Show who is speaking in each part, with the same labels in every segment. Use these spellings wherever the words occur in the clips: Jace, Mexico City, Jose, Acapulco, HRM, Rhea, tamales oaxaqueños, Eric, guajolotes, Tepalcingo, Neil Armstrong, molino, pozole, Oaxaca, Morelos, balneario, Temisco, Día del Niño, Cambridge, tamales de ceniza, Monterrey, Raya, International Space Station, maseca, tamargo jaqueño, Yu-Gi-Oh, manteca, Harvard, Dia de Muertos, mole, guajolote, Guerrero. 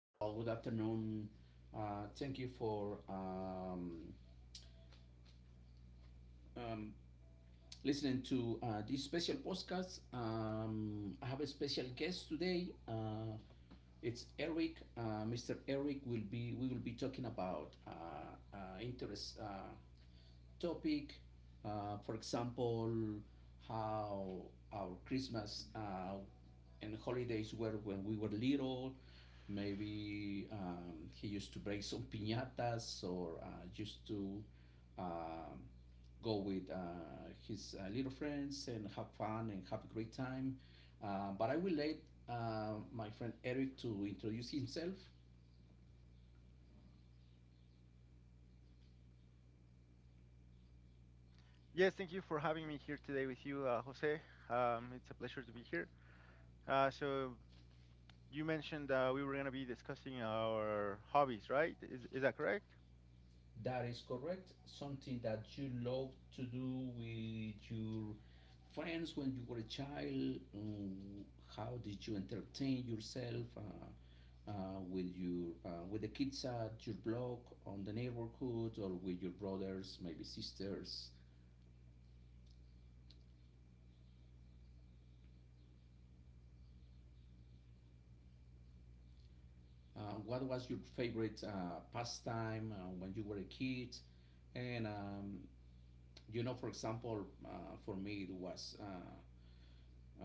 Speaker 1: Hello, good afternoon. Thank you for um, listening to this special podcast. I have a special guest today. It's Eric. Mr. Eric will be. We will be talking about interest topic. For example, how our Christmas and holidays were when we were little. Maybe he used to break some piñatas or used to um, go with his little friends and have fun and have a great time. But I will let my friend Eric to introduce himself.
Speaker 2: Yes, thank you for having me here today with you, Jose. It's a pleasure to be here. So you mentioned we were going to be discussing our hobbies, right? Is that correct?
Speaker 1: That is correct. Something that you love to do with your friends when you were a child. How did you entertain yourself with your with the kids at your block on the neighborhood or with your brothers, maybe sisters? What was your favorite pastime when you were a kid? And you know, for example, for me it was uh,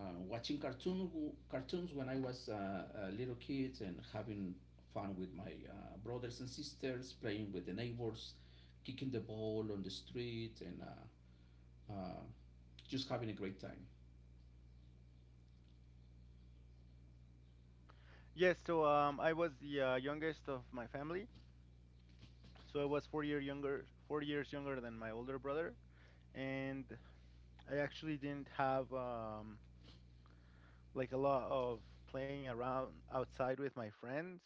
Speaker 1: uh, watching cartoons when I was a little kid and having fun with my brothers and sisters, playing with the neighbors, kicking the ball on the street, and uh, just having a great time.
Speaker 2: Yes. So I was the youngest of my family, so I was 4 years younger than my older brother, and I actually didn't have like a lot of playing around outside with my friends.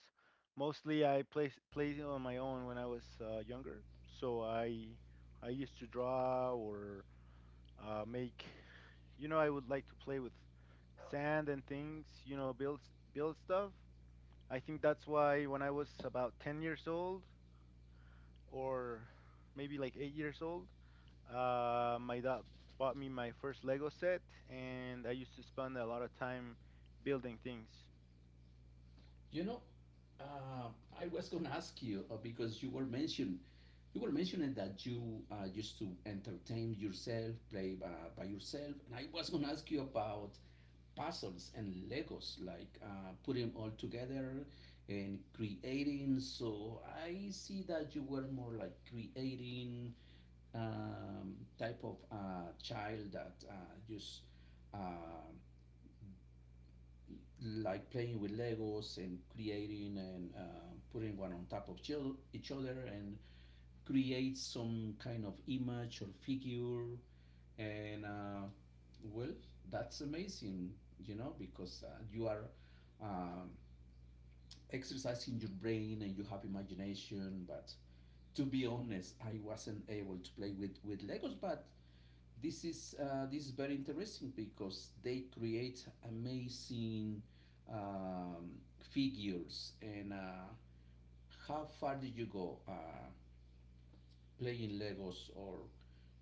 Speaker 2: Mostly I played on my own when I was younger. So I used to draw or make. You know, I would like to play with sand and things. You know, build stuff. I think that's why when I was about 10 years old, or maybe like 8 years old, my dad bought me my first Lego set, and I used to spend a lot of time building things.
Speaker 1: You know, uh, I was gonna ask you because you were mentioning that you used to entertain yourself, play by yourself, and I was gonna ask you about puzzles and Legos, like putting all together and creating. So I see that you were more like creating type of child that just um, like playing with Legos and creating and putting one on top of each other and create some kind of image or figure. And well, that's amazing, you know, because you are um, exercising your brain and you have imagination. But to be honest, I wasn't able to play with Legos, but this is very interesting because they create amazing figures and how far did you go playing Legos or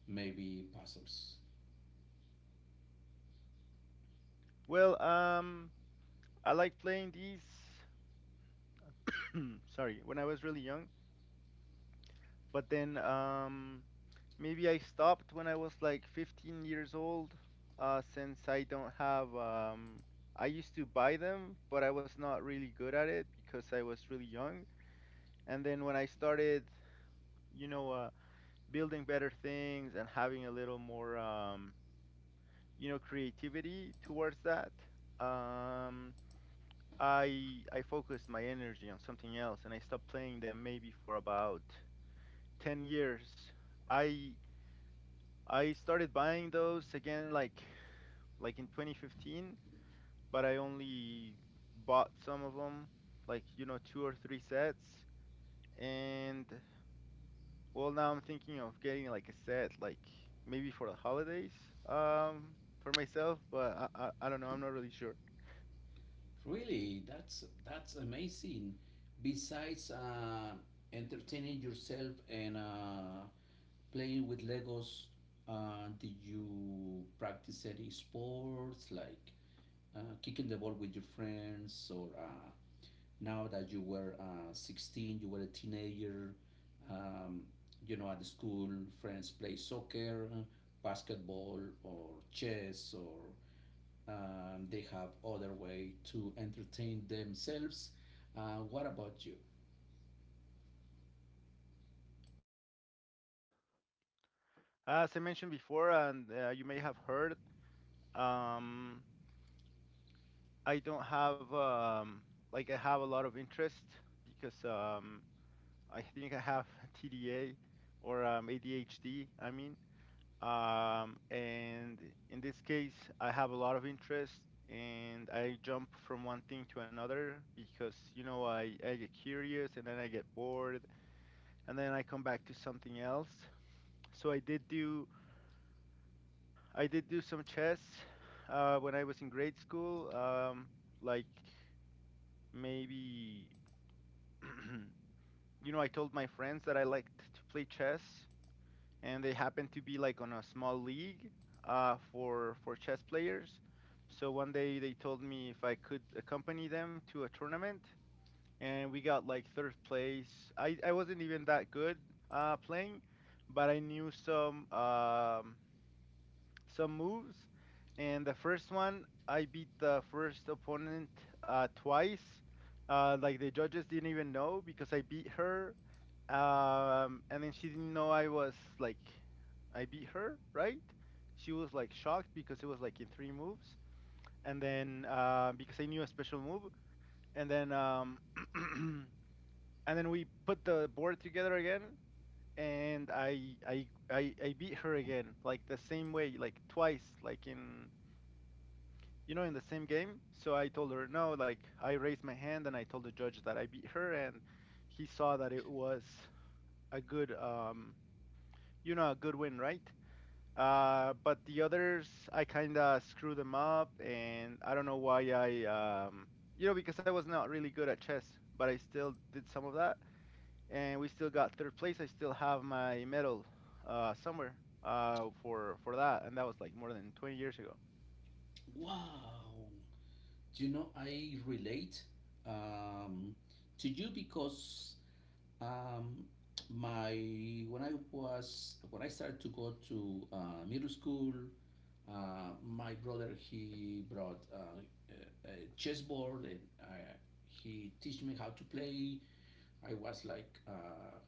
Speaker 1: maybe puzzles?
Speaker 2: Well, um, I like playing these. Sorry, when I was really young, but then maybe I stopped when I was like 15 years old. Since I don't have, I used to buy them, but I was not really good at it because I was really young. And then when I started, you know, building better things and having a little more, you know, creativity towards that. Um, I focused my energy on something else and I stopped playing them maybe for about 10 years. I I started buying those again like in 2015, but I only bought some of them, like you know, two or three sets. And well, now I'm thinking of getting like a set like maybe for the holidays um for myself, but I don't know, I'm not really sure.
Speaker 1: Really, that's amazing. Besides entertaining yourself and playing with Legos, did you practice any sports like kicking the ball with your friends or now that you were 16, you were a teenager, um, you know, at the school, friends play soccer, basketball, or chess, or they have other way to entertain themselves. What about you?
Speaker 2: As I mentioned before and you may have heard um I don't have like I have a lot of interest because I think I have TDA or ADHD, I mean. And in this case I have a lot of interest and I jump from one thing to another because you know I get curious and then I get bored and then I come back to something else. So I did do some chess when I was in grade school, like maybe you know, I told my friends that I liked to play chess, and they happened to be like on a small league for chess players. So one day they told me if I could accompany them to a tournament, and we got like third place. I wasn't even that good playing, but I knew some some moves. And the first one, I beat the first opponent twice. Like the judges didn't even know because I beat her, and then she didn't know I was like, I beat her, right? She was like shocked because it was like in three moves, and then because I knew a special move, and then and then we put the board together again, and I beat her again, like the same way, like twice, like in you know, in the same game. So I told her no, like I raised my hand and I told the judge that I beat her, and he saw that it was a good, you know, a good win, right? But the others, I kind of screwed them up, and I don't know why I, you know, because I was not really good at chess, but I still did some of that, and we still got third place. I still have my medal somewhere for that, and that was like more than 20 years ago.
Speaker 1: Wow, you know, I relate um, to you because Um, my when I was when I started to go to middle school, my brother he brought a chessboard and he teach me how to play. I was like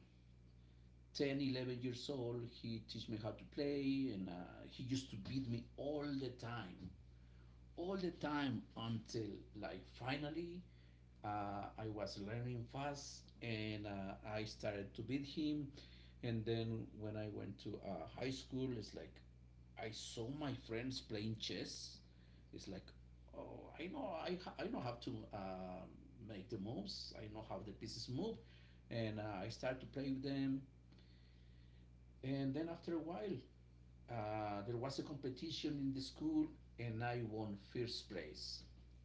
Speaker 1: 10, 11 years old. He teach me how to play and he used to beat me all the time until like finally I was learning fast and I started to beat him. And then when I went to high school, it's like I saw my friends playing chess. It's like, oh, I know how to make the moves. I know how the pieces move, and I started to play with them. And then after a while, there was a competition in the school, and I won first place.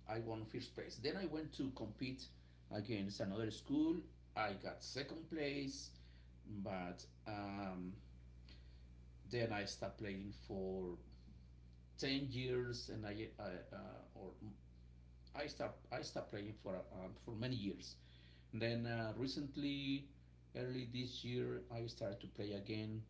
Speaker 1: I won first place. Then I went to compete against another school. I got second place, but then I stopped playing for 10 years, and I or I start I stopped playing for many years. And then recently, early this year, I started to play again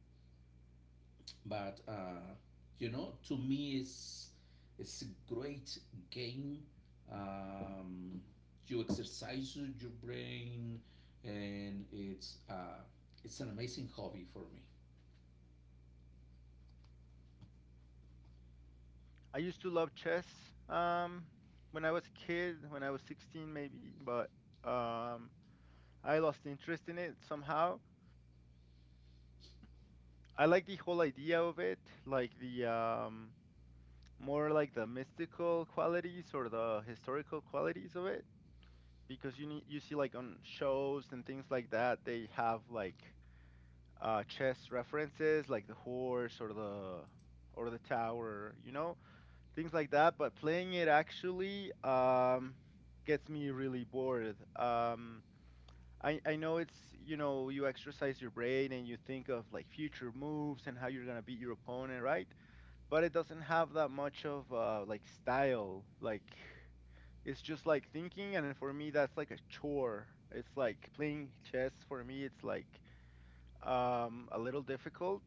Speaker 1: but you know, to me, it's a great game. Um, you exercise your brain, and it's an amazing hobby for me.
Speaker 2: I used to love chess um, when I was a kid, when I was 16 maybe, but um, I lost interest in it somehow. I like the whole idea of it, like the more like the mystical qualities or the historical qualities of it, because you need, you see like on shows and things like that, they have like chess references, like the horse or the tower, you know? Things like that. But playing it actually gets me really bored. I know it's you know you exercise your brain and you think of like future moves and how you're gonna beat your opponent, right? But it doesn't have that much of like style. Like it's just like thinking, and for me that's like a chore. It's like playing chess for me. It's like a little difficult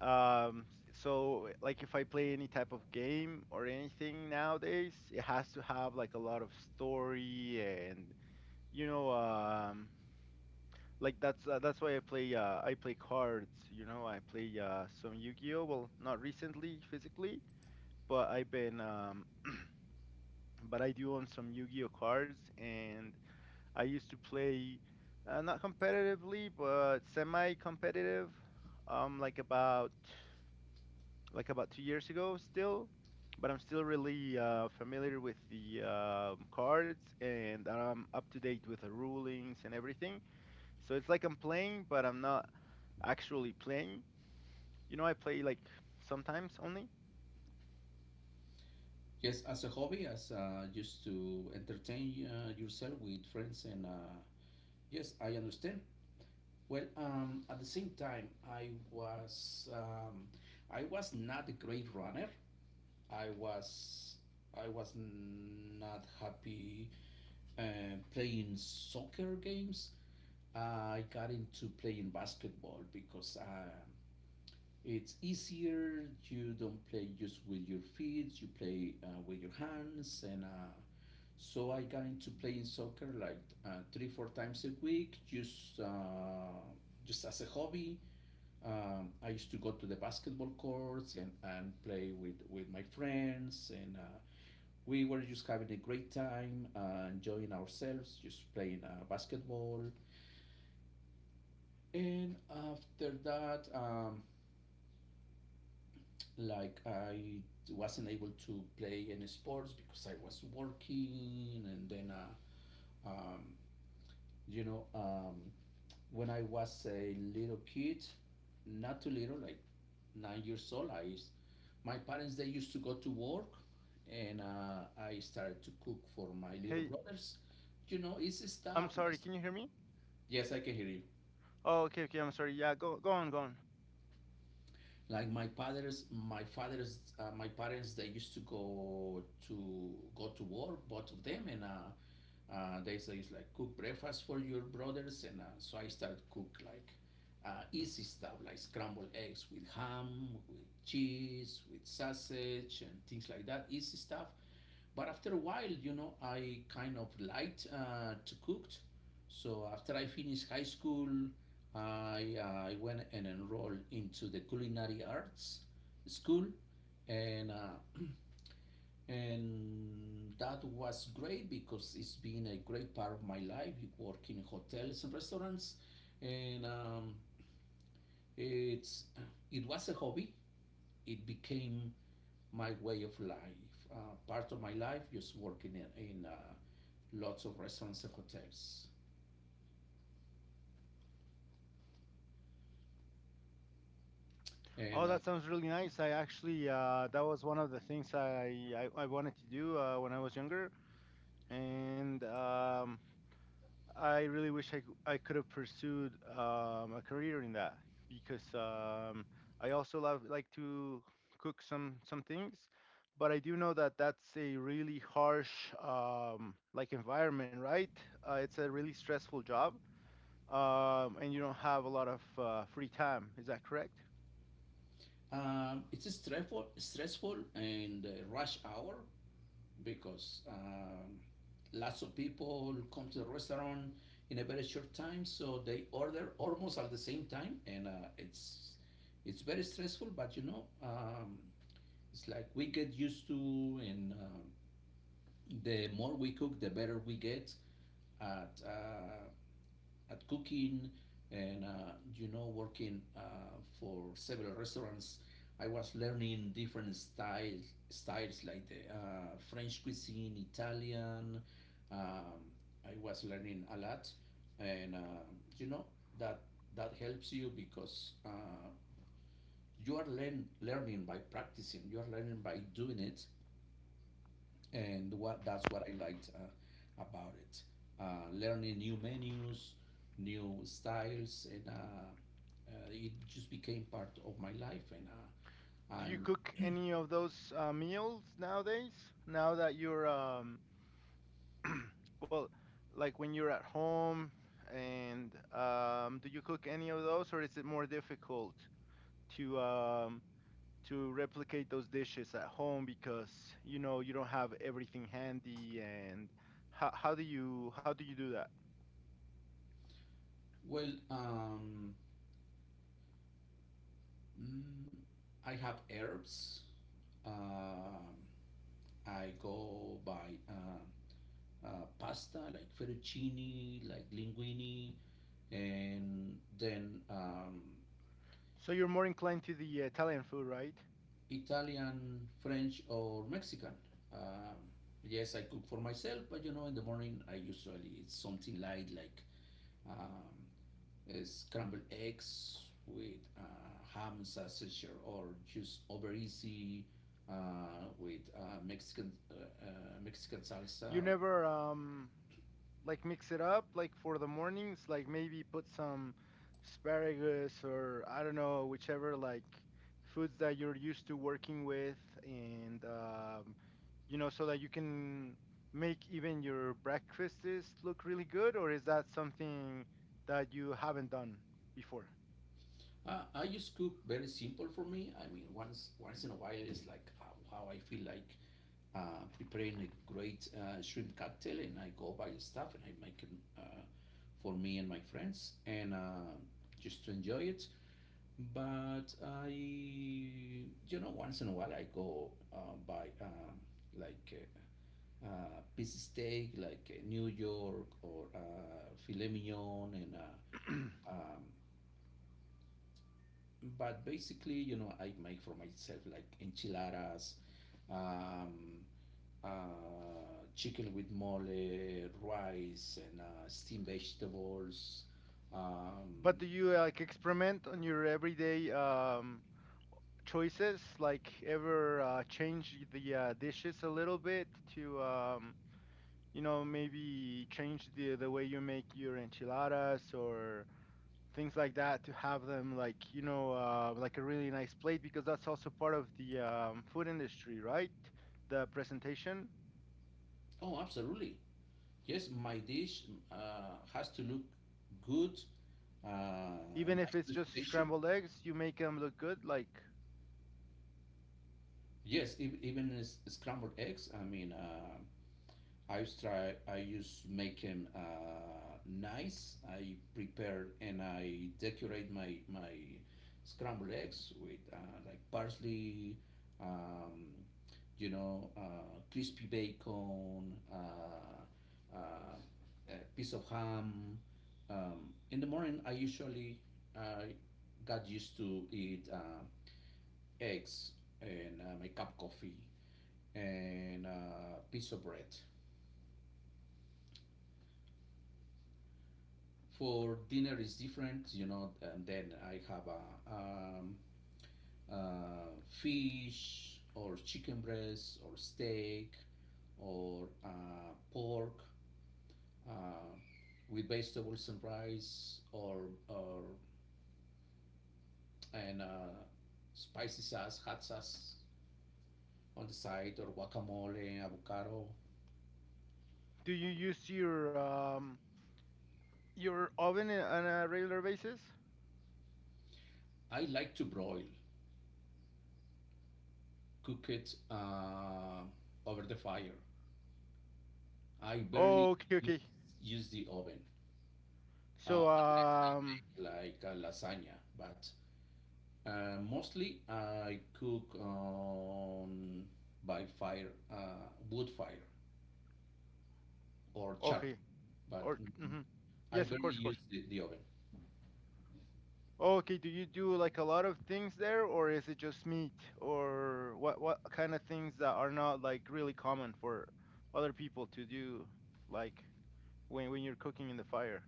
Speaker 2: um, so like if I play any type of game or anything nowadays, it has to have like a lot of story and you know, like that's why I play cards. You know, I play some Yu-Gi-Oh. Well, not recently physically, but I've been but I do own some Yu-Gi-Oh cards, and I used to play not competitively, but semi-competitive. Um, like about like about 2 years ago still, but I'm still really familiar with the cards and I'm up to date with the rulings and everything. So it's like I'm playing, but I'm not actually playing. You know, I play like sometimes only.
Speaker 1: Yes, as a hobby, as just to entertain yourself with friends, and yes, I understand. Well, at the same time, I was not a great runner. I was I was not happy uh, playing soccer games. Uh, I got into playing basketball because it's easier. You don't play just with your feet, you play with your hands. And so I got into playing soccer like three, four times a week, just as a hobby. I used to go to the basketball courts and play with my friends and we were just having a great time, enjoying ourselves, just playing basketball. And after that, I wasn't able to play any sports because I was working, and then, um, you know, um, when I was a little kid, not too little, like 9 years old, my parents they used to go to work, and I started to cook for my little
Speaker 2: Hey,
Speaker 1: brothers. You know, it's
Speaker 2: I'm
Speaker 1: stuff
Speaker 2: sorry,
Speaker 1: like
Speaker 2: can you hear me?
Speaker 1: Yes, I can hear you.
Speaker 2: Oh, okay, okay, I'm sorry. Yeah, go on, go on.
Speaker 1: Like my parents, they used to go to work, both of them, and they say it's like cook breakfast for your brothers, and so I started cook like easy stuff like scrambled eggs with ham, with cheese, with sausage, and things like that, easy stuff. But after a while, you know, I kind of liked to cook. So after I finished high school, I, uh, I went and enrolled into the culinary arts school, and and that was great because it's been a great part of my life. You work in hotels and restaurants, and it's it was a hobby. It became my way of life. Part of my life just working in lots of restaurants and hotels. And
Speaker 2: Oh, that sounds really nice. I actually that was one of the things I wanted to do when I was younger, and I really wish I could have pursued a career in that because I also love like to cook some things, but I do know that that's a really harsh like environment, right? It's a really stressful job, and you don't have a lot of free time. Is that correct?
Speaker 1: stressful and rush hour because lots of people come to the restaurant in a very short time, so they order almost at the same time, and it's very stressful. But you know, it's like we get used to, and the more we cook, the better we get at uh, at cooking, and you know, working for several restaurants. I was learning different styles, styles like the French cuisine, Italian. Um, I was learning a lot, and you know that helps you because you are learning by practicing. You are learning by doing it, and what that's what I liked about it. Learning new menus, new styles, and it just became part of my life. And
Speaker 2: Do you
Speaker 1: I'm
Speaker 2: cook any of those meals nowadays? Now that you're Well, like when you're at home and do you cook any of those or is it more difficult to um, to replicate those dishes at home because you know you don't have everything handy and how do you do that?
Speaker 1: well. Mm, I have herbs. Um I go by pasta like fettuccine, like linguine, and then.
Speaker 2: So you're more inclined to the Italian food, right?
Speaker 1: Italian, French, or Mexican. Um, yes, I cook for myself, but you know, in the morning I usually eat something light like um, scrambled eggs with ham and sausage, or just over easy with Mexican Mexican salsa.
Speaker 2: You never like mix it up like for the mornings like maybe put some asparagus or I don't know whichever like foods that you're used to working with and you know so that you can make even your breakfasts look really good or is that something that you haven't done before
Speaker 1: I just cook very simple for me. I mean, once in a while, it's like how I feel like preparing a great shrimp cocktail, and I go buy stuff and I make it uh, for me and my friends, and just to enjoy it. But I, you know, once in a while, I go buy like piece of steak, like New York or filet mignon, and um, but basically, you know, I make for myself like enchiladas, um, chicken with mole, rice, and steamed vegetables.
Speaker 2: but
Speaker 1: Um,
Speaker 2: do you like experiment on your everyday choices like ever change the dishes a little bit to you know, maybe change the way you make your enchiladas or things like that to have them like you know like a really nice plate because that's also part of the food industry, right? The presentation,
Speaker 1: oh, absolutely. Yes, my dish has to look good, uh,
Speaker 2: even if
Speaker 1: nice
Speaker 2: it's just
Speaker 1: presentation.
Speaker 2: scrambled eggs, you make them look good. Like,
Speaker 1: Yes, even scrambled eggs. I mean, I used try. I used make him nice. I prepare and I decorate my scrambled eggs with like parsley, um, you know, crispy bacon, a piece of ham. In the morning, I got used to eat eggs and my cup of coffee and a piece of bread. For dinner is different, you know, and then I have a uh, fish or chicken breast or steak or pork uh, with vegetables and rice or and spicy sauce hot sauce on the side or guacamole avocado.
Speaker 2: do you use your oven on a regular basis?
Speaker 1: I like to broil, cook it over the fire. I barely
Speaker 2: Oh, okay,
Speaker 1: use,
Speaker 2: okay.
Speaker 1: use the oven
Speaker 2: So,
Speaker 1: unless I
Speaker 2: um,
Speaker 1: make like a lasagna. But mostly I cook on by fire, wood fire or charcoal.
Speaker 2: okay,
Speaker 1: But
Speaker 2: or mhm.
Speaker 1: I
Speaker 2: Yes, of
Speaker 1: barely
Speaker 2: course, of course.
Speaker 1: use the oven.
Speaker 2: Oh, okay, do you do like a lot of things there, or is it just meat, or what kind of things that are not like really common for other people to do, like when you're cooking in the fire?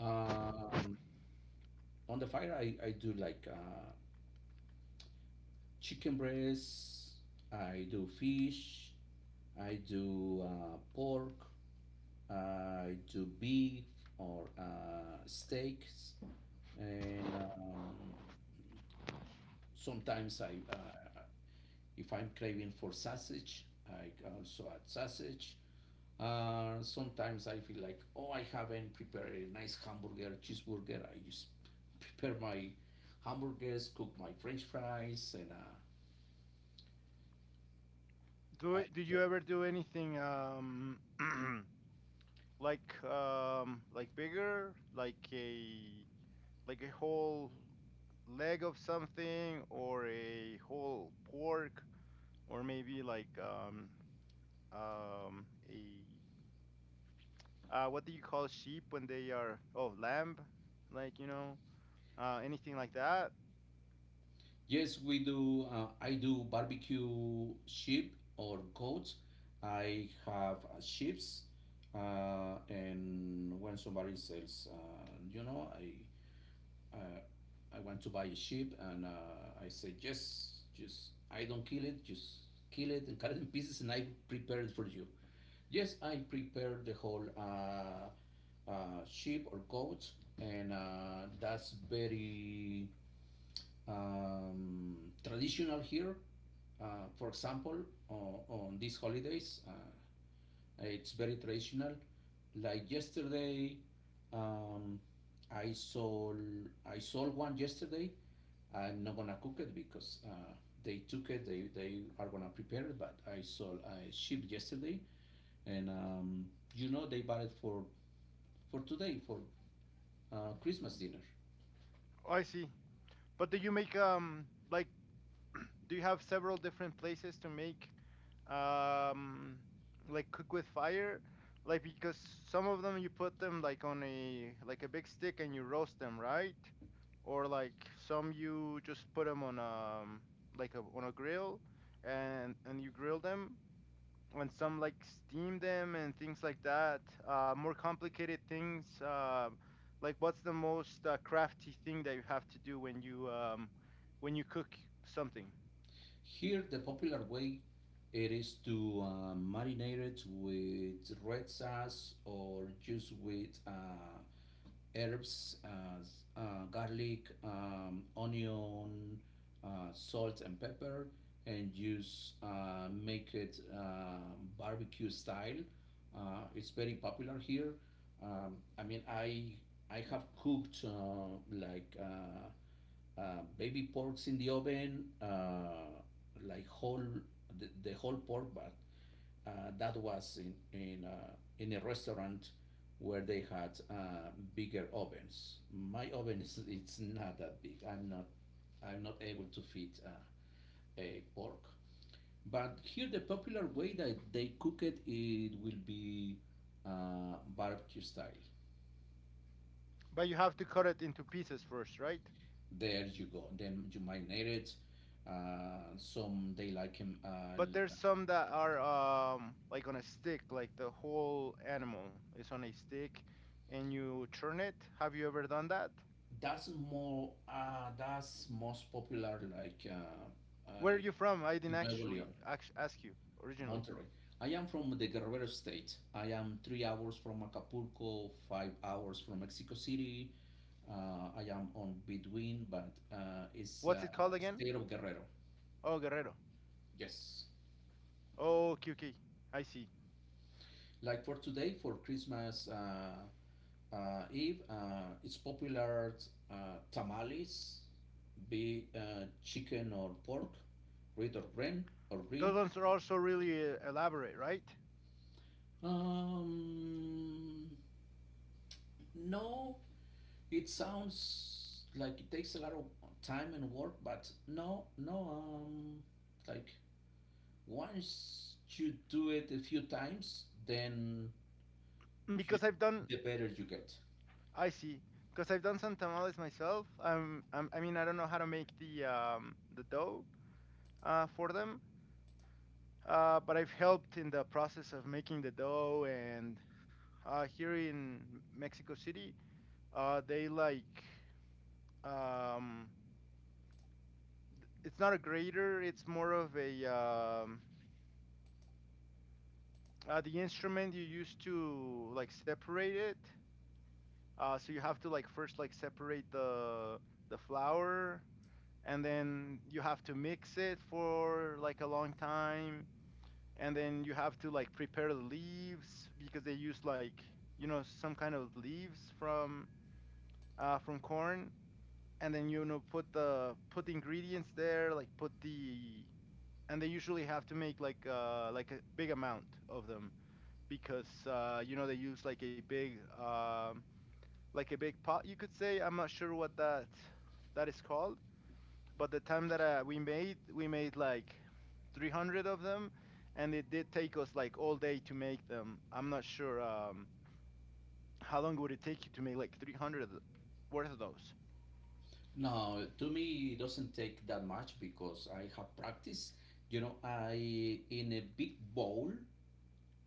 Speaker 1: Um, on the fire, I do like chicken breast, I do fish, I do pork, I do beef or steaks, and sometimes if I'm craving for sausage, I also add sausage. Sometimes I feel like, oh, I haven't prepared a nice hamburger, cheeseburger. I just prepare my hamburgers, cook my French fries, and I
Speaker 2: Do you
Speaker 1: enjoy.
Speaker 2: ever do anything like bigger, like a whole leg of something or a whole pork or maybe like a what do you call sheep when they are oh lamb, like you know anything like that.
Speaker 1: Yes, we do. I do barbecue sheep or goats. I have sheeps, and when somebody sells, you know, I uh, I want to buy a sheep, and I say, yes, just I don't kill it, just kill it and cut it in pieces, and I prepare it for you. Yes, I prepare the whole sheep or goat, and that's very um, traditional here. For example, on these holidays, it's very traditional. Like yesterday, um, I sold I sold one yesterday. I'm not gonna cook it because they took it. They are gonna prepare it. But I shipped yesterday, and they bought it for today for Christmas dinner.
Speaker 2: Oh, I see. But do you make like do you have several different places to make um like cook with fire? Like because some of them you put them like on a big stick and you roast them, right? Or like some you just put them on on a grill and you grill them and some like steam them and things like that. More complicated things. Like what's the most crafty thing that you have to do when you cook something?
Speaker 1: Here, the popular way it is to marinate it with red sauce or just with herbs, as garlic, onion, salt, and pepper, and just make it barbecue style. It's very popular here. Um, I mean, I I have cooked baby porks in the oven, like whole the whole pork, but that was in in a restaurant where they had bigger ovens. My oven is it's not that big. I'm not able to fit a pork. But here the popular way that they cook it will be barbecue style.
Speaker 2: But you have to cut it into pieces first, right?
Speaker 1: There you go. Then you marinate it. Some they like him.
Speaker 2: But there's some that are like on a stick, like the whole animal is on a stick, and you churn it. Have you ever done that?
Speaker 1: That's more. That's most popular like
Speaker 2: Where are you from? I didn't
Speaker 1: in Nuevo León,
Speaker 2: ask you originally.
Speaker 1: Monterrey. I am from the Guerrero state. I am 3 hours from Acapulco, 5 hours from Mexico City. I am on between, but it's
Speaker 2: What's it called again?
Speaker 1: state of Guerrero.
Speaker 2: Oh, Guerrero.
Speaker 1: Yes.
Speaker 2: Oh, okay, okay. I see.
Speaker 1: Like for today for Christmas Eve, it's popular uh, tamales, be chicken or pork, red or green or
Speaker 2: Those
Speaker 1: green.
Speaker 2: ones are also really elaborate, right?
Speaker 1: Um, no, it sounds like it takes a lot of time and work, but no, no. Like once you do it a few times, then you,
Speaker 2: Because I've done,
Speaker 1: the better you get.
Speaker 2: I see. Because I've done some tamales myself. I mean, I don't know how to make the dough for them, but I've helped in the process of making the dough. And here in Mexico City, they like um, it's not a grater. It's more of a the instrument you use to like separate it. So you have to like first like separate the flour, and then you have to mix it for like a long time, and then you have to like prepare the leaves because they use like, some kind of leaves from corn, and then put the ingredients there, like put the... And they usually have to make like a big amount of them, because they use like a big pot, you could say. I'm not sure what that is called, but the time that we made like 300 of them, and it did take us like all day to make them. I'm not sure, how long would it take you to make like 300 worth of those?
Speaker 1: No, to me it doesn't take that much because I have practice. You know, I in a big bowl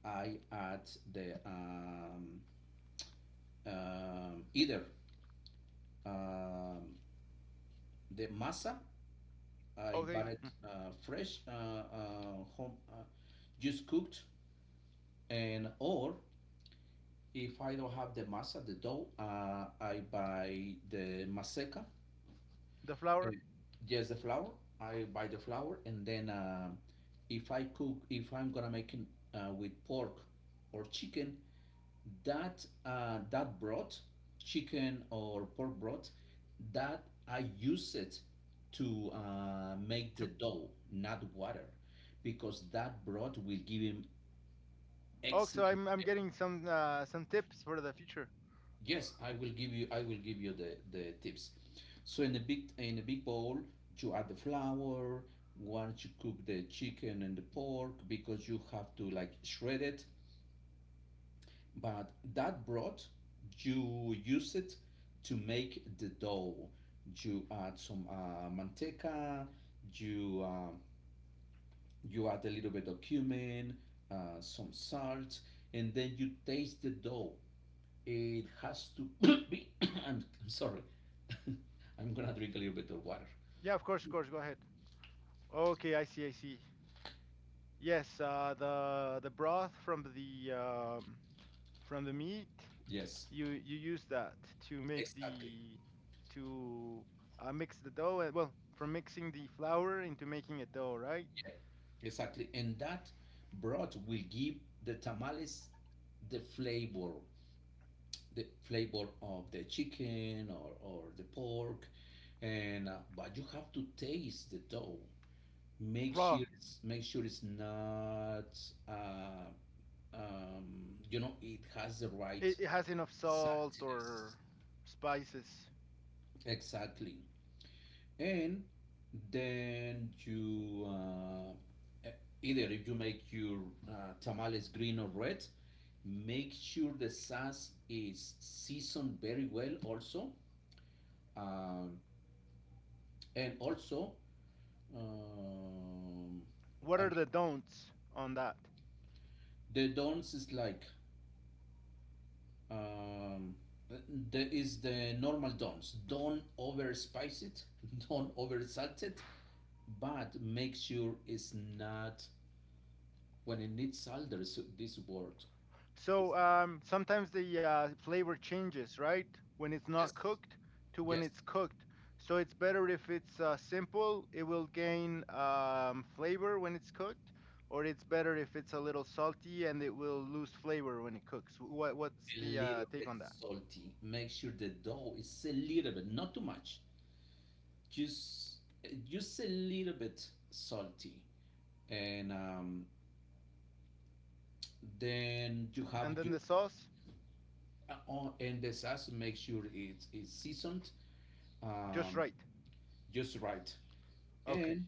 Speaker 1: I add the either um, the masa. I
Speaker 2: Okay.
Speaker 1: bought it fresh, home, just cooked, and or if I don't have the masa the dough, I buy the maseca.
Speaker 2: The
Speaker 1: Uh,
Speaker 2: flour.
Speaker 1: Just the flour. I buy the flour, and then if I cook, if I'm gonna make it with pork or chicken, that that broth, chicken or pork broth, that I use it to make the
Speaker 2: To...
Speaker 1: dough, not water, because that broth will give him
Speaker 2: Oh, so
Speaker 1: excellent.
Speaker 2: I'm
Speaker 1: eh,
Speaker 2: getting some tips for the future.
Speaker 1: Yes, I will give you. I will give you the tips. So in a big bowl, you add the flour. Once you cook the chicken and the pork, because you have to like shred it. But that broth, you use it to make the dough. You add some manteca. You uh, you add a little bit of cumin, some salt, and then you taste the dough. It has to be. I'm sorry. I'm gonna drink a little bit of water.
Speaker 2: Yeah, of course, of course, go ahead. Okay, I see, I see. Yes, the broth from the meat.
Speaker 1: Yes,
Speaker 2: You use that to make
Speaker 1: exactly.
Speaker 2: the... To mix the dough. And, well, from mixing the flour into making a dough, right?
Speaker 1: Yeah, exactly. And that broth will give the tamales the flavor, the flavor of the chicken or the pork, and but you have to taste the dough.
Speaker 2: Raw.
Speaker 1: Make sure it's not. Uh, you know, it has the right
Speaker 2: It has enough salt,
Speaker 1: saltiness.
Speaker 2: or... Spices.
Speaker 1: Exactly. And then you, e- either if you make your tamales green or red, make sure the sauce is seasoned very well also. Um, and also, um,
Speaker 2: What
Speaker 1: I
Speaker 2: are
Speaker 1: mean,
Speaker 2: the don'ts on that?
Speaker 1: the don'ts is like, um, there is the normal don'ts. Don't over spice it, don't over salt it, but make sure it's not. When in need there's this word is
Speaker 2: So, sometimes the flavor changes, right? When it's not
Speaker 1: yes,
Speaker 2: cooked to when
Speaker 1: yes,
Speaker 2: it's cooked. So it's better if it's simple. It will gain flavor when it's cooked, or it's better if it's a little salty and it will lose flavor when it cooks. What's
Speaker 1: a
Speaker 2: the
Speaker 1: little
Speaker 2: take
Speaker 1: bit
Speaker 2: on that?
Speaker 1: salty. Make sure the dough is a little bit, not too much, just just a little bit salty, and then you
Speaker 2: And
Speaker 1: have
Speaker 2: then
Speaker 1: your
Speaker 2: the sauce.
Speaker 1: oh, and the sauce. Make sure it is seasoned,
Speaker 2: Just
Speaker 1: um,
Speaker 2: right.
Speaker 1: just right,
Speaker 2: Okay.
Speaker 1: and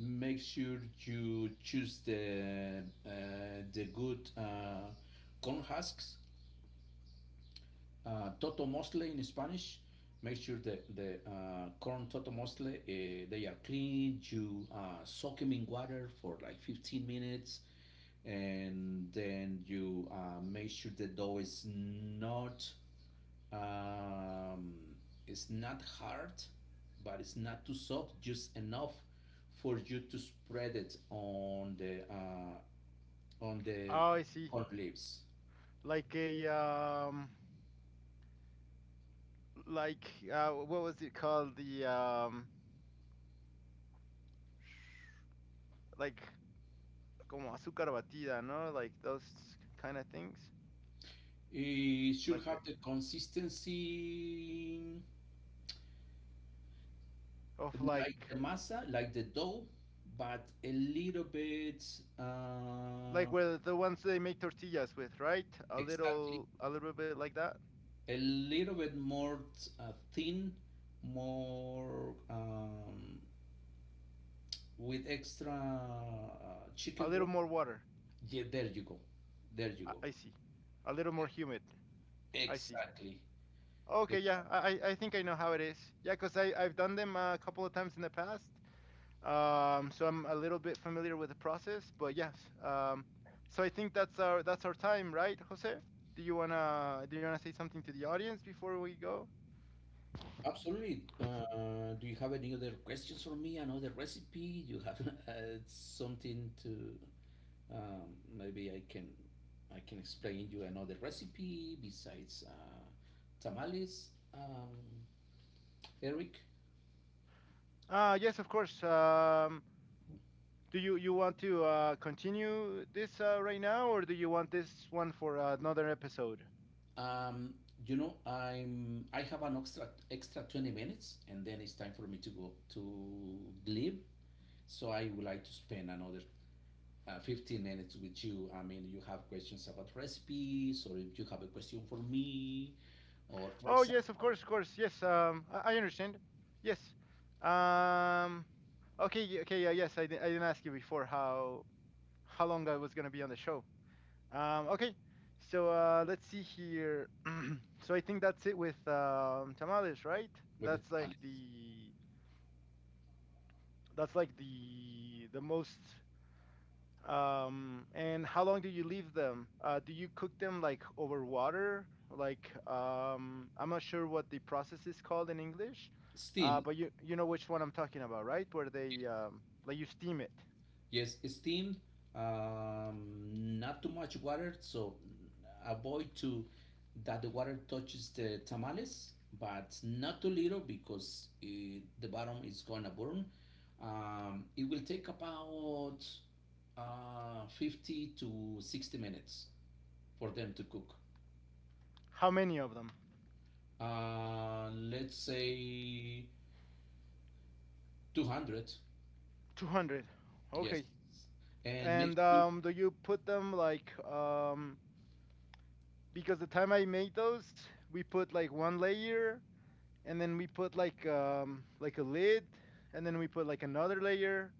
Speaker 1: make sure you choose the good corn husks, toto in Spanish. Make sure that the corn toto, they are clean. You soak them in water for like 15 minutes, and then you make sure the dough is not um, it's not hard, but it's not too soft. Just enough for you to spread it on the on the
Speaker 2: Oh, I see.
Speaker 1: corn leaves.
Speaker 2: Like a like what was it called? The like como azúcar batida, no? Like those kind of things,
Speaker 1: It
Speaker 2: like
Speaker 1: should
Speaker 2: the
Speaker 1: have the consistency
Speaker 2: of
Speaker 1: like
Speaker 2: like
Speaker 1: the masa, like the dough, but a little bit
Speaker 2: like
Speaker 1: uh,
Speaker 2: where the ones they make tortillas with, right? A
Speaker 1: exactly
Speaker 2: little a little bit like that.
Speaker 1: a little bit more thin, more with extra
Speaker 2: A
Speaker 1: chicken
Speaker 2: little
Speaker 1: broth.
Speaker 2: more water.
Speaker 1: Yeah, there you go, there you
Speaker 2: I,
Speaker 1: go.
Speaker 2: I see. A little more humid. I see.
Speaker 1: Exactly,
Speaker 2: Okay, yeah,
Speaker 1: exactly.
Speaker 2: I think I know how it is. Yeah, because I've done them a couple of times in the past. So I'm a little bit familiar with the process, but yes. Um, so I think that's our time, right, Jose? Do you wanna say something to the audience before we go?
Speaker 1: Absolutely. Do you have any other questions for me? Another recipe? Do you have something to maybe I can explain you another recipe besides tamales, Eric.
Speaker 2: Yes, of course. Do you want to continue this right now, or do you want this one for another episode?
Speaker 1: Um, you know, I'm I have an extra 20 minutes and then it's time for me to go to leave. So I would like to spend another 15 minutes with you. I mean, you have questions about recipes, or if you have a question for me, or for
Speaker 2: Oh, yes, of
Speaker 1: example,
Speaker 2: course, of course. Yes, I understand. Yes. Um, okay, okay, yeah, yes. I didn't ask you before how long I was gonna be on the show. Okay. So let's see here. So I think that's it with tamales, right?
Speaker 1: with the
Speaker 2: That's like
Speaker 1: tamales.
Speaker 2: the that's like the most... And how long do you leave them? Do you cook them like over water? Like, I'm not sure what the process is called in English,
Speaker 1: Steamed,
Speaker 2: but you know which one I'm talking about, right? Where
Speaker 1: yes,
Speaker 2: they like you steam it.
Speaker 1: yes, it's steamed. Not too much water, so avoid to that the water touches the tamales, but not too little because it, the bottom is gonna burn. It will take about 50 to 60 minutes for them to cook.
Speaker 2: How many of them?
Speaker 1: Let's say 200.
Speaker 2: 200.
Speaker 1: Yes.
Speaker 2: Okay.
Speaker 1: And make
Speaker 2: And
Speaker 1: sure
Speaker 2: do you put them because the time I made those, we put like one layer, and then we put like a lid, and then we put like another layer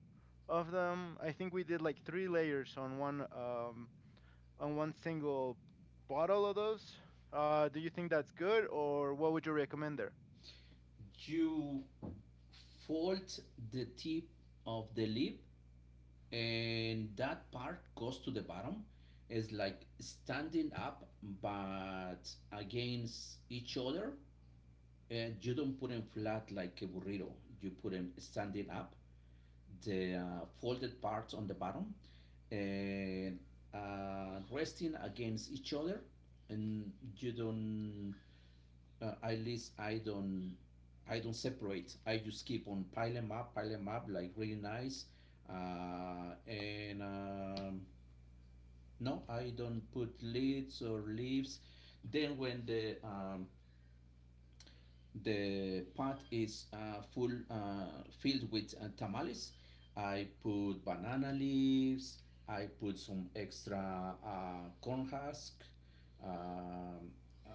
Speaker 2: of them. I think we did like three layers on one single bottle of those. Do you think that's good, or what would you recommend there?
Speaker 1: you fold the tip of the lip and that part goes to the bottom. It's like standing up but against each other. And you don't put them flat like a burrito. You put them standing up, the folded parts on the bottom, and resting against each other. And you don't, at least I don't separate. I just keep on pile them up like really nice. And No, I don't put lids or leaves. Then when the pot is full, filled with tamales. I put banana leaves. I put some extra corn husk, um, uh,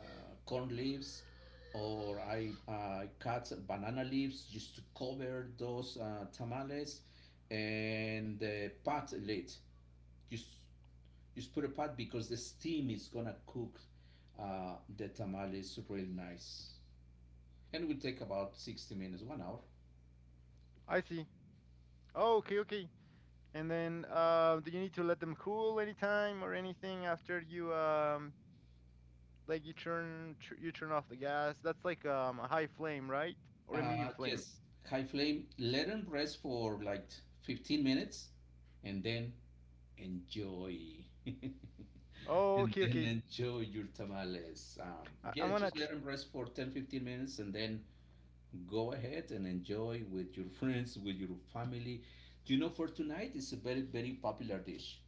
Speaker 1: corn leaves, or I cut banana leaves just to cover those tamales, and the pot lid. Just just put a pot because the steam is gonna cook the tamales real nice and will take about 60 minutes, 1 hour.
Speaker 2: I see. Oh, okay, okay. And then, do you need to let them cool anytime or anything after you like you turn off the gas? That's like a high flame, right? Or a medium flame?
Speaker 1: Yes, high flame, let them rest for like 15 minutes and then enjoy. And
Speaker 2: Oh, okay,
Speaker 1: then
Speaker 2: okay.
Speaker 1: enjoy your tamales.
Speaker 2: I'm
Speaker 1: Yes,
Speaker 2: gonna.
Speaker 1: just let them rest for 10 15 minutes and then go ahead and enjoy with your friends, with your family. You know, for tonight, it's a very, very popular dish.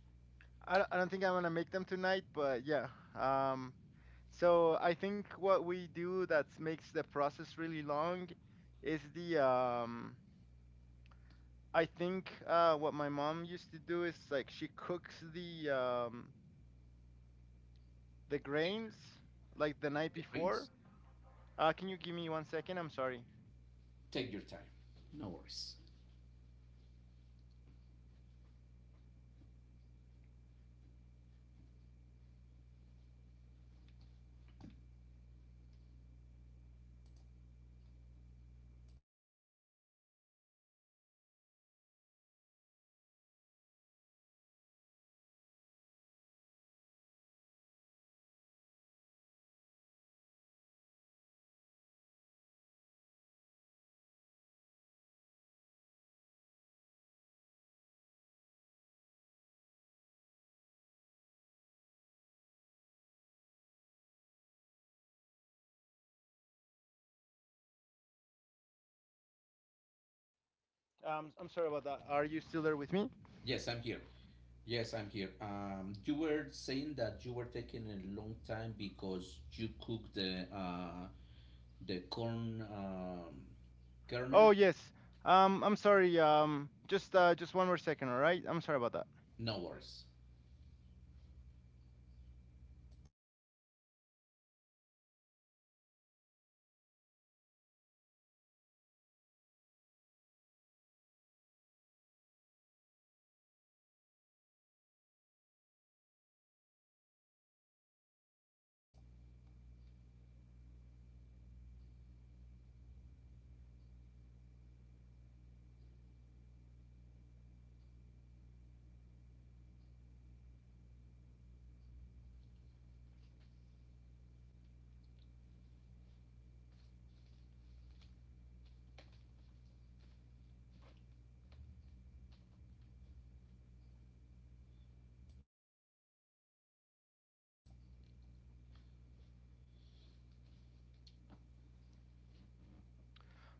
Speaker 2: I don't think I'm gonna make them tonight, but yeah. Um, So I think what we do that makes the process really long is the I think what my mom used to do is like she cooks the
Speaker 1: Chicken,
Speaker 2: grains like the night
Speaker 1: the
Speaker 2: before.
Speaker 1: brains,
Speaker 2: Can you give me 1 second? I'm sorry.
Speaker 1: take your time. No worries.
Speaker 2: I'm sorry about that. Are you still there with me?
Speaker 1: Yes, I'm here. Yes, I'm here. You were saying that you were taking a long time because you cook the corn
Speaker 2: Oh
Speaker 1: kernels.
Speaker 2: yes. I'm sorry. Just just 1 more second, all right? I'm sorry about that.
Speaker 1: No worries.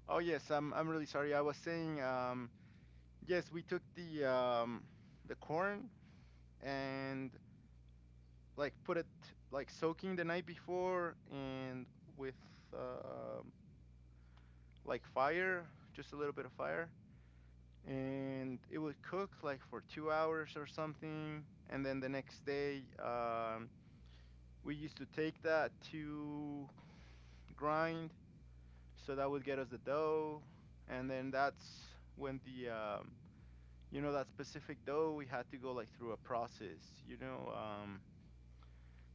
Speaker 2: Oh yes, I'm really sorry. I was saying, yes, we took the corn, and like put it like soaking the night before, and with uh, like fire, just a little bit of fire, and it would cook like for 2 hours or something. And then the next day, we used to take that to grind, so that would get us the dough. And then that's when the you know, that specific dough, we had to go like through a process. Um,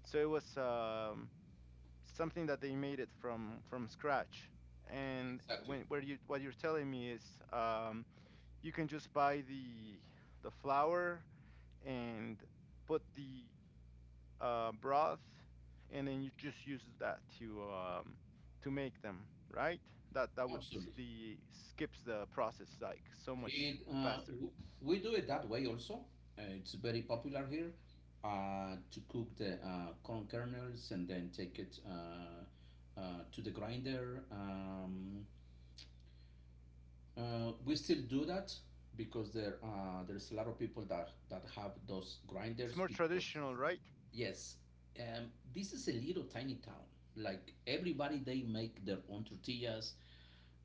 Speaker 2: so it was something that they made it from scratch. And
Speaker 1: Exactly.
Speaker 2: when where you what you're telling me is, um, you can just buy the flour, and put the broth, and then you just use that to make them, right? That would
Speaker 1: Absolutely.
Speaker 2: the skips the process like so much
Speaker 1: It uh,
Speaker 2: faster.
Speaker 1: w- we do it that way also. It's very popular here to cook the corn kernels and then take it to the grinder. We still do that because there's a lot of people that have those
Speaker 2: It's
Speaker 1: grinders
Speaker 2: more
Speaker 1: because
Speaker 2: traditional, right?
Speaker 1: yes, this is a little tiny town. Like everybody, they make their own tortillas,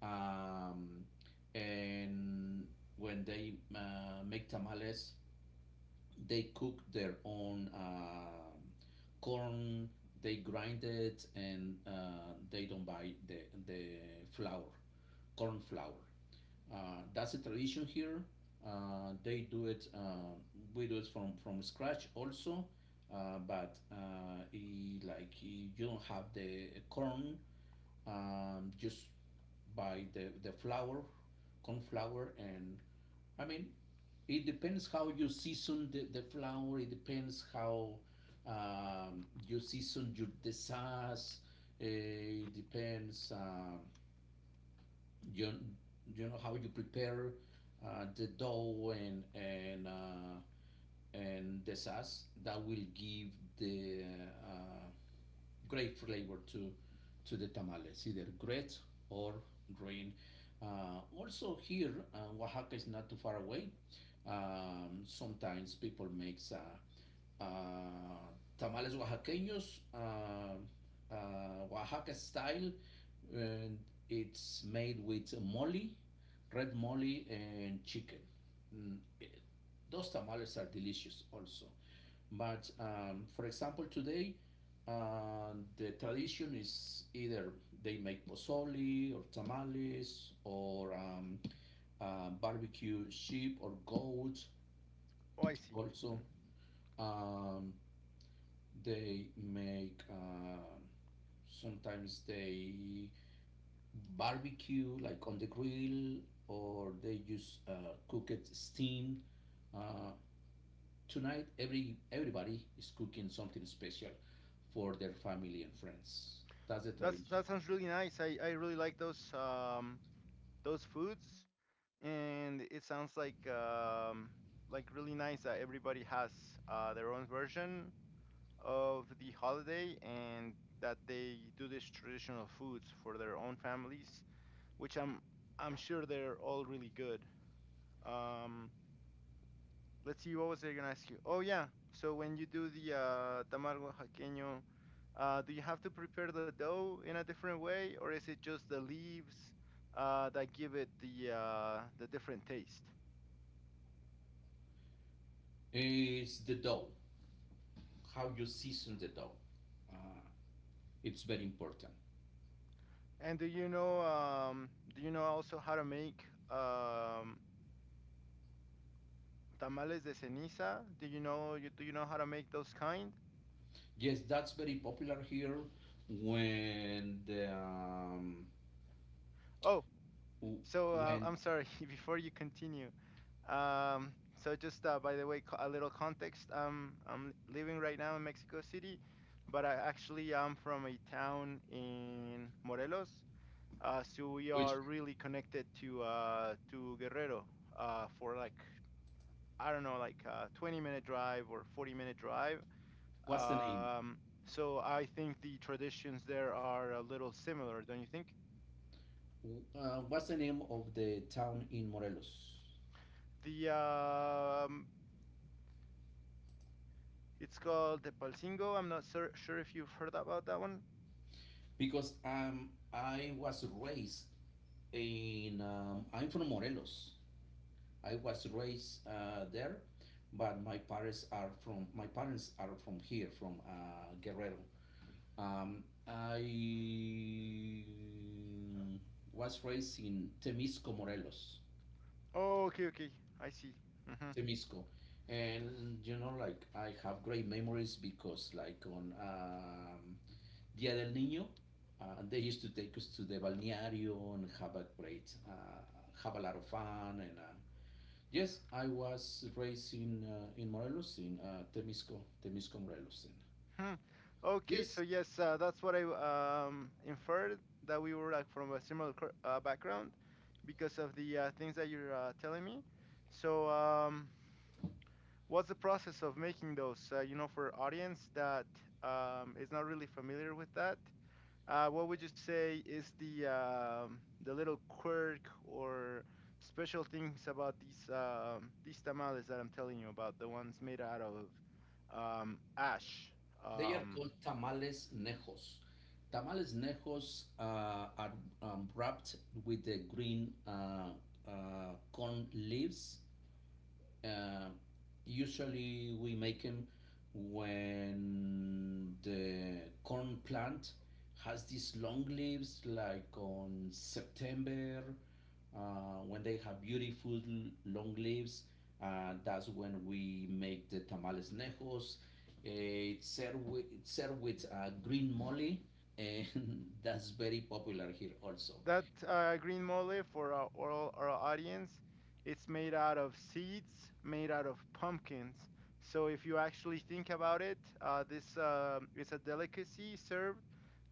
Speaker 1: um, and when they make tamales, they cook their own corn. They grind it and they don't buy the flour, corn flour. That's a tradition here. They do it. We do it from scratch also, like you don't have the corn. Just buy the flour, corn flour, and I mean, it depends how you season the flour. It depends how you season your the sauce. It depends, you you know how you prepare the dough and and the sauce that will give the uh, great flavor to the tamales, either great or green. Also here, Oaxaca is not too far away. Sometimes people makes tamales oaxaqueños, Oaxaca style, and it's made with mole, red mole and chicken. Mm, it- those tamales are delicious also. But for example, today the tradition is either they make pozole or tamales or barbecue sheep or goat.
Speaker 2: Oh, I see.
Speaker 1: Also,
Speaker 2: Mm.
Speaker 1: um, they make sometimes they barbecue like on the grill or they just cook it steamed. Uh, Tonight, everybody is cooking something special for their family and friends. That's the
Speaker 2: That's
Speaker 1: tradition.
Speaker 2: that sounds really nice. I really like those foods. And it sounds like really nice that everybody has their own version of the holiday and that they do these traditional foods for their own families, which I'm sure they're all really good. Um, let's see, what was I gonna ask you? Oh yeah, so when you do the tamargo jaqueño, do you have to prepare the dough in a different way, or is it just the leaves that give it the different taste?
Speaker 1: It's the dough, how you season the dough. Uh, it's very important.
Speaker 2: And do you know also how to make um tamales de ceniza? Do you know how to make those kind?
Speaker 1: Yes, that's very popular here. When the
Speaker 2: Oh, so
Speaker 1: when
Speaker 2: I'm sorry before you continue. So just by the way, a little context, I'm living right now in Mexico City, but I actually am from a town in Morelos. So we
Speaker 1: Which
Speaker 2: are really connected to Guerrero, for like, I don't know, like a 20-minute drive or 40-minute drive.
Speaker 1: what's the name?
Speaker 2: Um, so I think the traditions there are a little similar, don't you think?
Speaker 1: What's the name of the town in Morelos?
Speaker 2: The It's called Tepalcingo. I'm not sure if you've heard about that one.
Speaker 1: Because I was raised in I'm from Morelos. I was raised there, but my parents are from here, from Guerrero. I was raised in Temisco, Morelos,
Speaker 2: Oh, okay, okay, I see. Hmm.
Speaker 1: Temisco, and you know, like I have great memories because, like on Dia del Niño, they used to take us to the balneario and have a have a lot of fun, and yes, I was raised in Morelos, in Temisco, Morelos. And
Speaker 2: Hmm. Okay, so
Speaker 1: yes,
Speaker 2: yes, that's what I inferred that we were like from a similar background, because of the things that you're telling me. So what's the process of making those? You know, for audience that is not really familiar with that, what would you say is the little quirk or special things about these tamales that I'm telling you about, the ones made out of ash?
Speaker 1: they are
Speaker 2: Um,
Speaker 1: called tamales nejos. Tamales nejos are wrapped with the green corn leaves. Um Usually we make them when the corn plant has these long leaves, like on September, when they have beautiful long leaves. That's when we make the tamales nejos. It's served with green mole, and that's very popular here also.
Speaker 2: That green mole, for our audience, it's made out of seeds, made out of pumpkins. So if you actually think about it, this is a delicacy served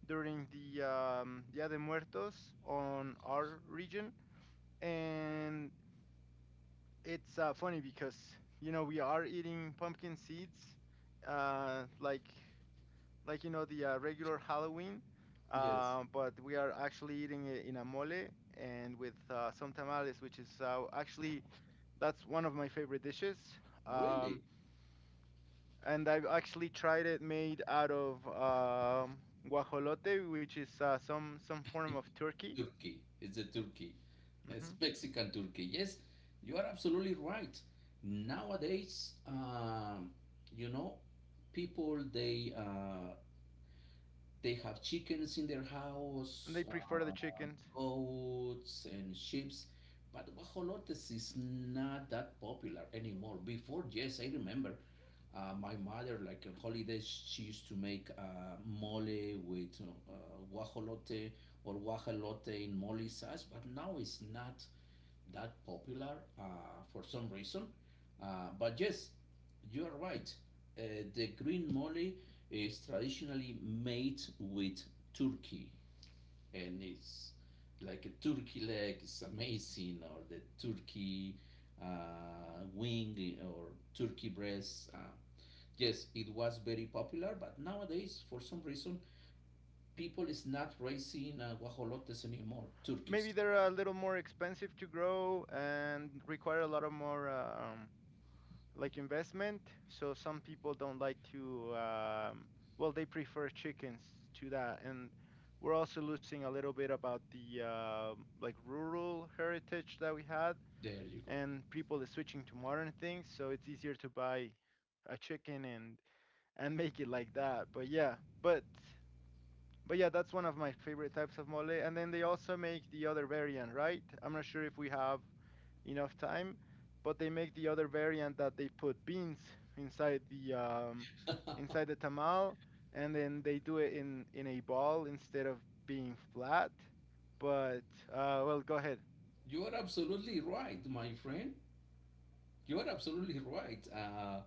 Speaker 2: during the Dia de Muertos on our region, and it's funny because we are eating pumpkin seeds, uh, like like the regular Halloween,
Speaker 1: Yes,
Speaker 2: but we are actually eating it in a mole and with some tamales, which is actually that's one of my favorite dishes. Um,
Speaker 1: really.
Speaker 2: and I've actually tried it made out of guajolote, which is some form of turkey.
Speaker 1: Turkey. It's the Turkey. It's
Speaker 2: Hmm.
Speaker 1: Mexican Turkey. Yes, you are absolutely right. Nowadays, you know, people, they have chickens in their
Speaker 2: And they
Speaker 1: house.
Speaker 2: prefer the chickens.
Speaker 1: Goats and sheep. But guajolotes is not that popular anymore. Before, yes, I remember my mother, like on holidays, she used to make mole with guajolote or guajolote in mole sauce, but now it's not that popular for some reason. But yes, you are right. The green mole is traditionally made with turkey, and it's like a turkey leg is amazing, or the turkey wing or turkey breast. Yes, it was very popular, but nowadays for some reason people is not raising guajolotes anymore,
Speaker 2: Maybe
Speaker 1: turkeys.
Speaker 2: they're a little more expensive to grow and require a lot of more like investment. So some people don't like to, well, they prefer chickens to that. And we're also losing a little bit about the like rural heritage that we had,
Speaker 1: There you go.
Speaker 2: and people are switching to modern things. So it's easier to buy a chicken and make it like that. But yeah, but yeah, that's one of my favorite types of mole. And then they also make the other variant, right? I'm not sure if we have enough time, but they make the other variant that they put beans inside the um, inside the tamal, and then they do it in a ball instead of being flat. But well, go ahead.
Speaker 1: You are absolutely right, my friend. You are absolutely right. Uh,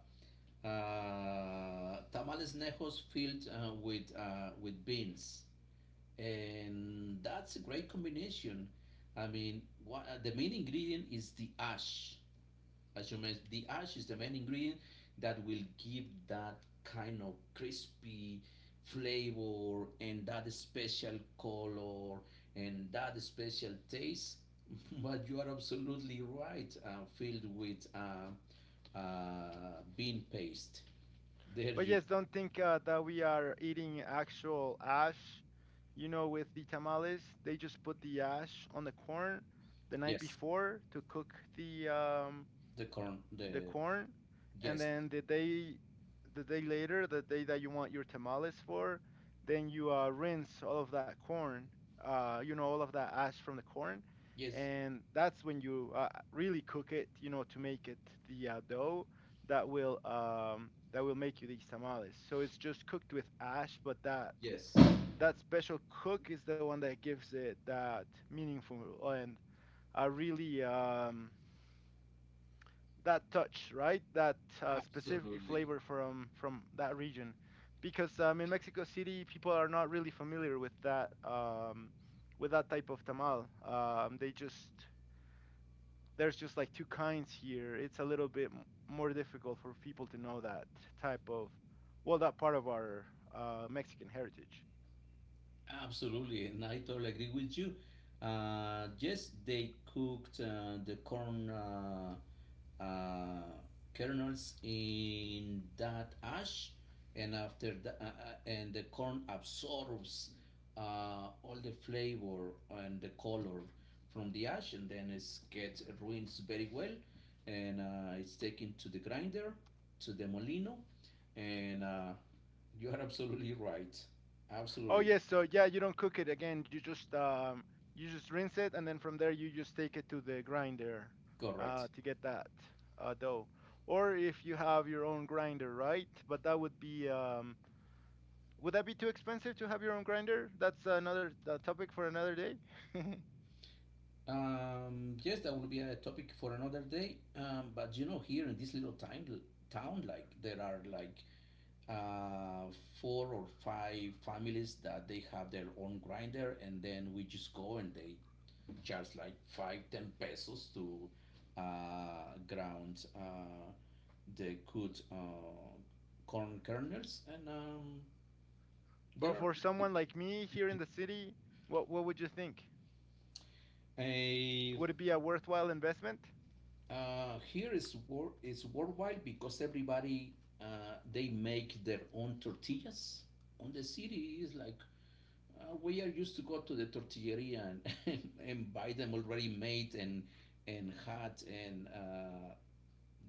Speaker 1: uh, Tamales nejos filled with beans, and that's a great combination. I mean, what, the main ingredient is the ash. As you mentioned, the ash is the main ingredient that will give that kind of crispy flavor and that special color and that special taste. But you are absolutely right, filled with bean paste. There
Speaker 2: But
Speaker 1: you,
Speaker 2: yes, don't think that we are eating actual ash. With the tamales, they just put the ash on the corn the night
Speaker 1: yes,
Speaker 2: before to cook
Speaker 1: the corn,
Speaker 2: the
Speaker 1: the,
Speaker 2: corn, and
Speaker 1: yes,
Speaker 2: then the day later, the day that you want your tamales for, then you rinse all of that corn, all of that ash from the corn,
Speaker 1: yes,
Speaker 2: and that's when you really cook it, to make it the dough that will make you these tamales. So it's just cooked with ash, but that
Speaker 1: yes.
Speaker 2: that special cook is the one that gives it that meaningful and a really that touch, right? That specific
Speaker 1: Absolutely.
Speaker 2: flavor from that region, because in Mexico City, people are not really familiar with that type of tamal. They just There's just like two kinds here. It's a little bit more difficult for people to know that type of, well, that part of our Mexican heritage.
Speaker 1: Absolutely, and I totally agree with you. Yes, they cooked the corn uh, kernels in that ash, and after that, and the corn absorbs all the flavor and the color from the ash, and then it gets rinsed very well, and it's taken to the grinder, to the molino, and you are absolutely right.
Speaker 2: Oh
Speaker 1: Absolutely.
Speaker 2: yes, so yeah, you don't cook it again. You just rinse it, and then from there you just take it to the grinder
Speaker 1: Correct.
Speaker 2: to get that dough. Or if you have your own grinder, right? But that would be would that be too expensive to have your own grinder? That's another topic for another day.
Speaker 1: Yes, that will be a topic for another day. But you know, here in this little time, town, like there are like uh, four or five families that they have their own grinder, and then we just go and they charge like 5, 10 pesos to ground the good corn kernels, and
Speaker 2: But
Speaker 1: there are
Speaker 2: for someone like me here in the city, what would you think?
Speaker 1: plenty.
Speaker 2: Would it be a worthwhile investment?
Speaker 1: Here is wor- is worldwide because everybody they make their own tortillas. On the city is like we are used to go to the tortilleria and, and buy them already made and hot, and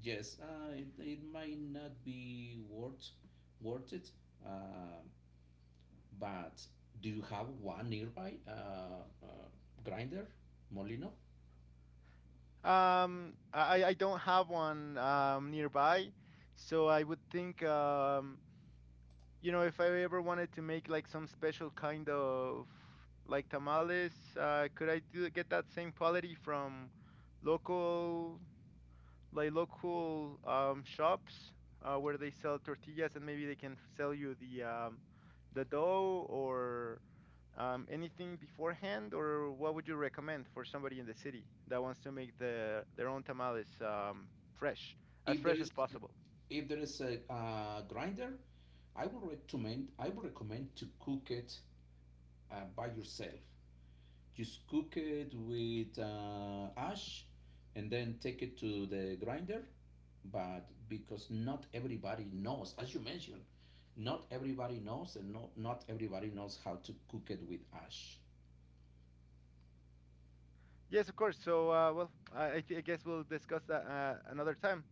Speaker 1: yes, it, it might not be worth worth it. Uh, but do you have one nearby uh, grinder, Molino?
Speaker 2: I don't have one nearby, so I would think. You know, if I ever wanted to make like some special kind of like tamales, could I do get that same quality from local like local shops where they sell tortillas, and maybe they can sell you the dough or anything beforehand, or what would you recommend for somebody in the city that wants to make their own tamales, fresh,
Speaker 1: If there
Speaker 2: fresh as
Speaker 1: is
Speaker 2: possible?
Speaker 1: if there is a grinder, I would recommend to cook it by yourself. Just cook it with ash, and then take it to the grinder. But because not everybody knows, as you mentioned, not everybody knows, and not everybody knows how to cook it with ash.
Speaker 2: Yes, of course. So, well, I guess we'll discuss that another time.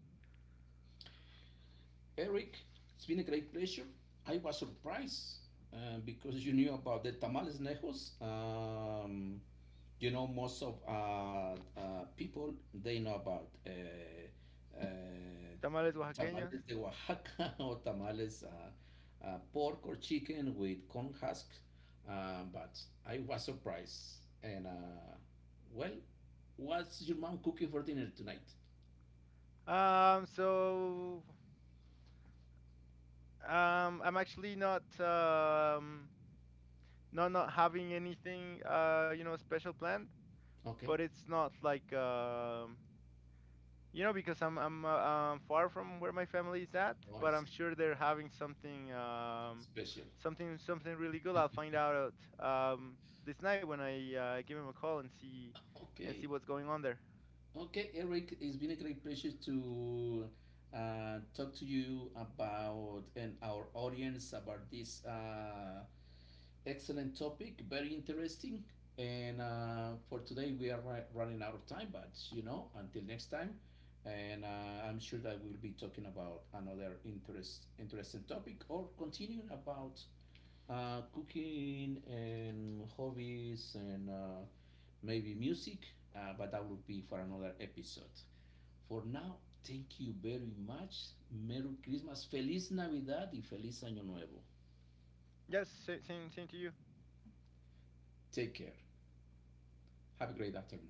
Speaker 1: Eric, it's been a great pleasure. I was surprised because you knew about the tamales nejos. You know, most of people they know about
Speaker 2: Tamales oaxaqueños.
Speaker 1: tamales de Oaxaca, or tamales pork or chicken with corn husk. But I was surprised. And well, what's your mom cooking for dinner tonight?
Speaker 2: So, I'm actually not having anything special planned,
Speaker 1: Okay.
Speaker 2: but it's not like because I'm far from where my family is at,
Speaker 1: Oh, I
Speaker 2: but I'm
Speaker 1: see.
Speaker 2: sure they're having something,
Speaker 1: Special.
Speaker 2: something really good. I'll find out this night when I give him a call and see
Speaker 1: Okay.
Speaker 2: what's going on there.
Speaker 1: Okay, Eric, it's been a great pleasure to talk to you about and our audience about this excellent topic. Very interesting. And for today, we are running out of time, but you know, until next time. And I'm sure that we'll be talking about interesting topic or continuing about cooking and hobbies and maybe music, but that will be for another episode. For now, thank you very much. Merry Christmas, Feliz Navidad y Feliz Año Nuevo.
Speaker 2: Yes, same, same, same to you.
Speaker 1: Take care. Have a great afternoon.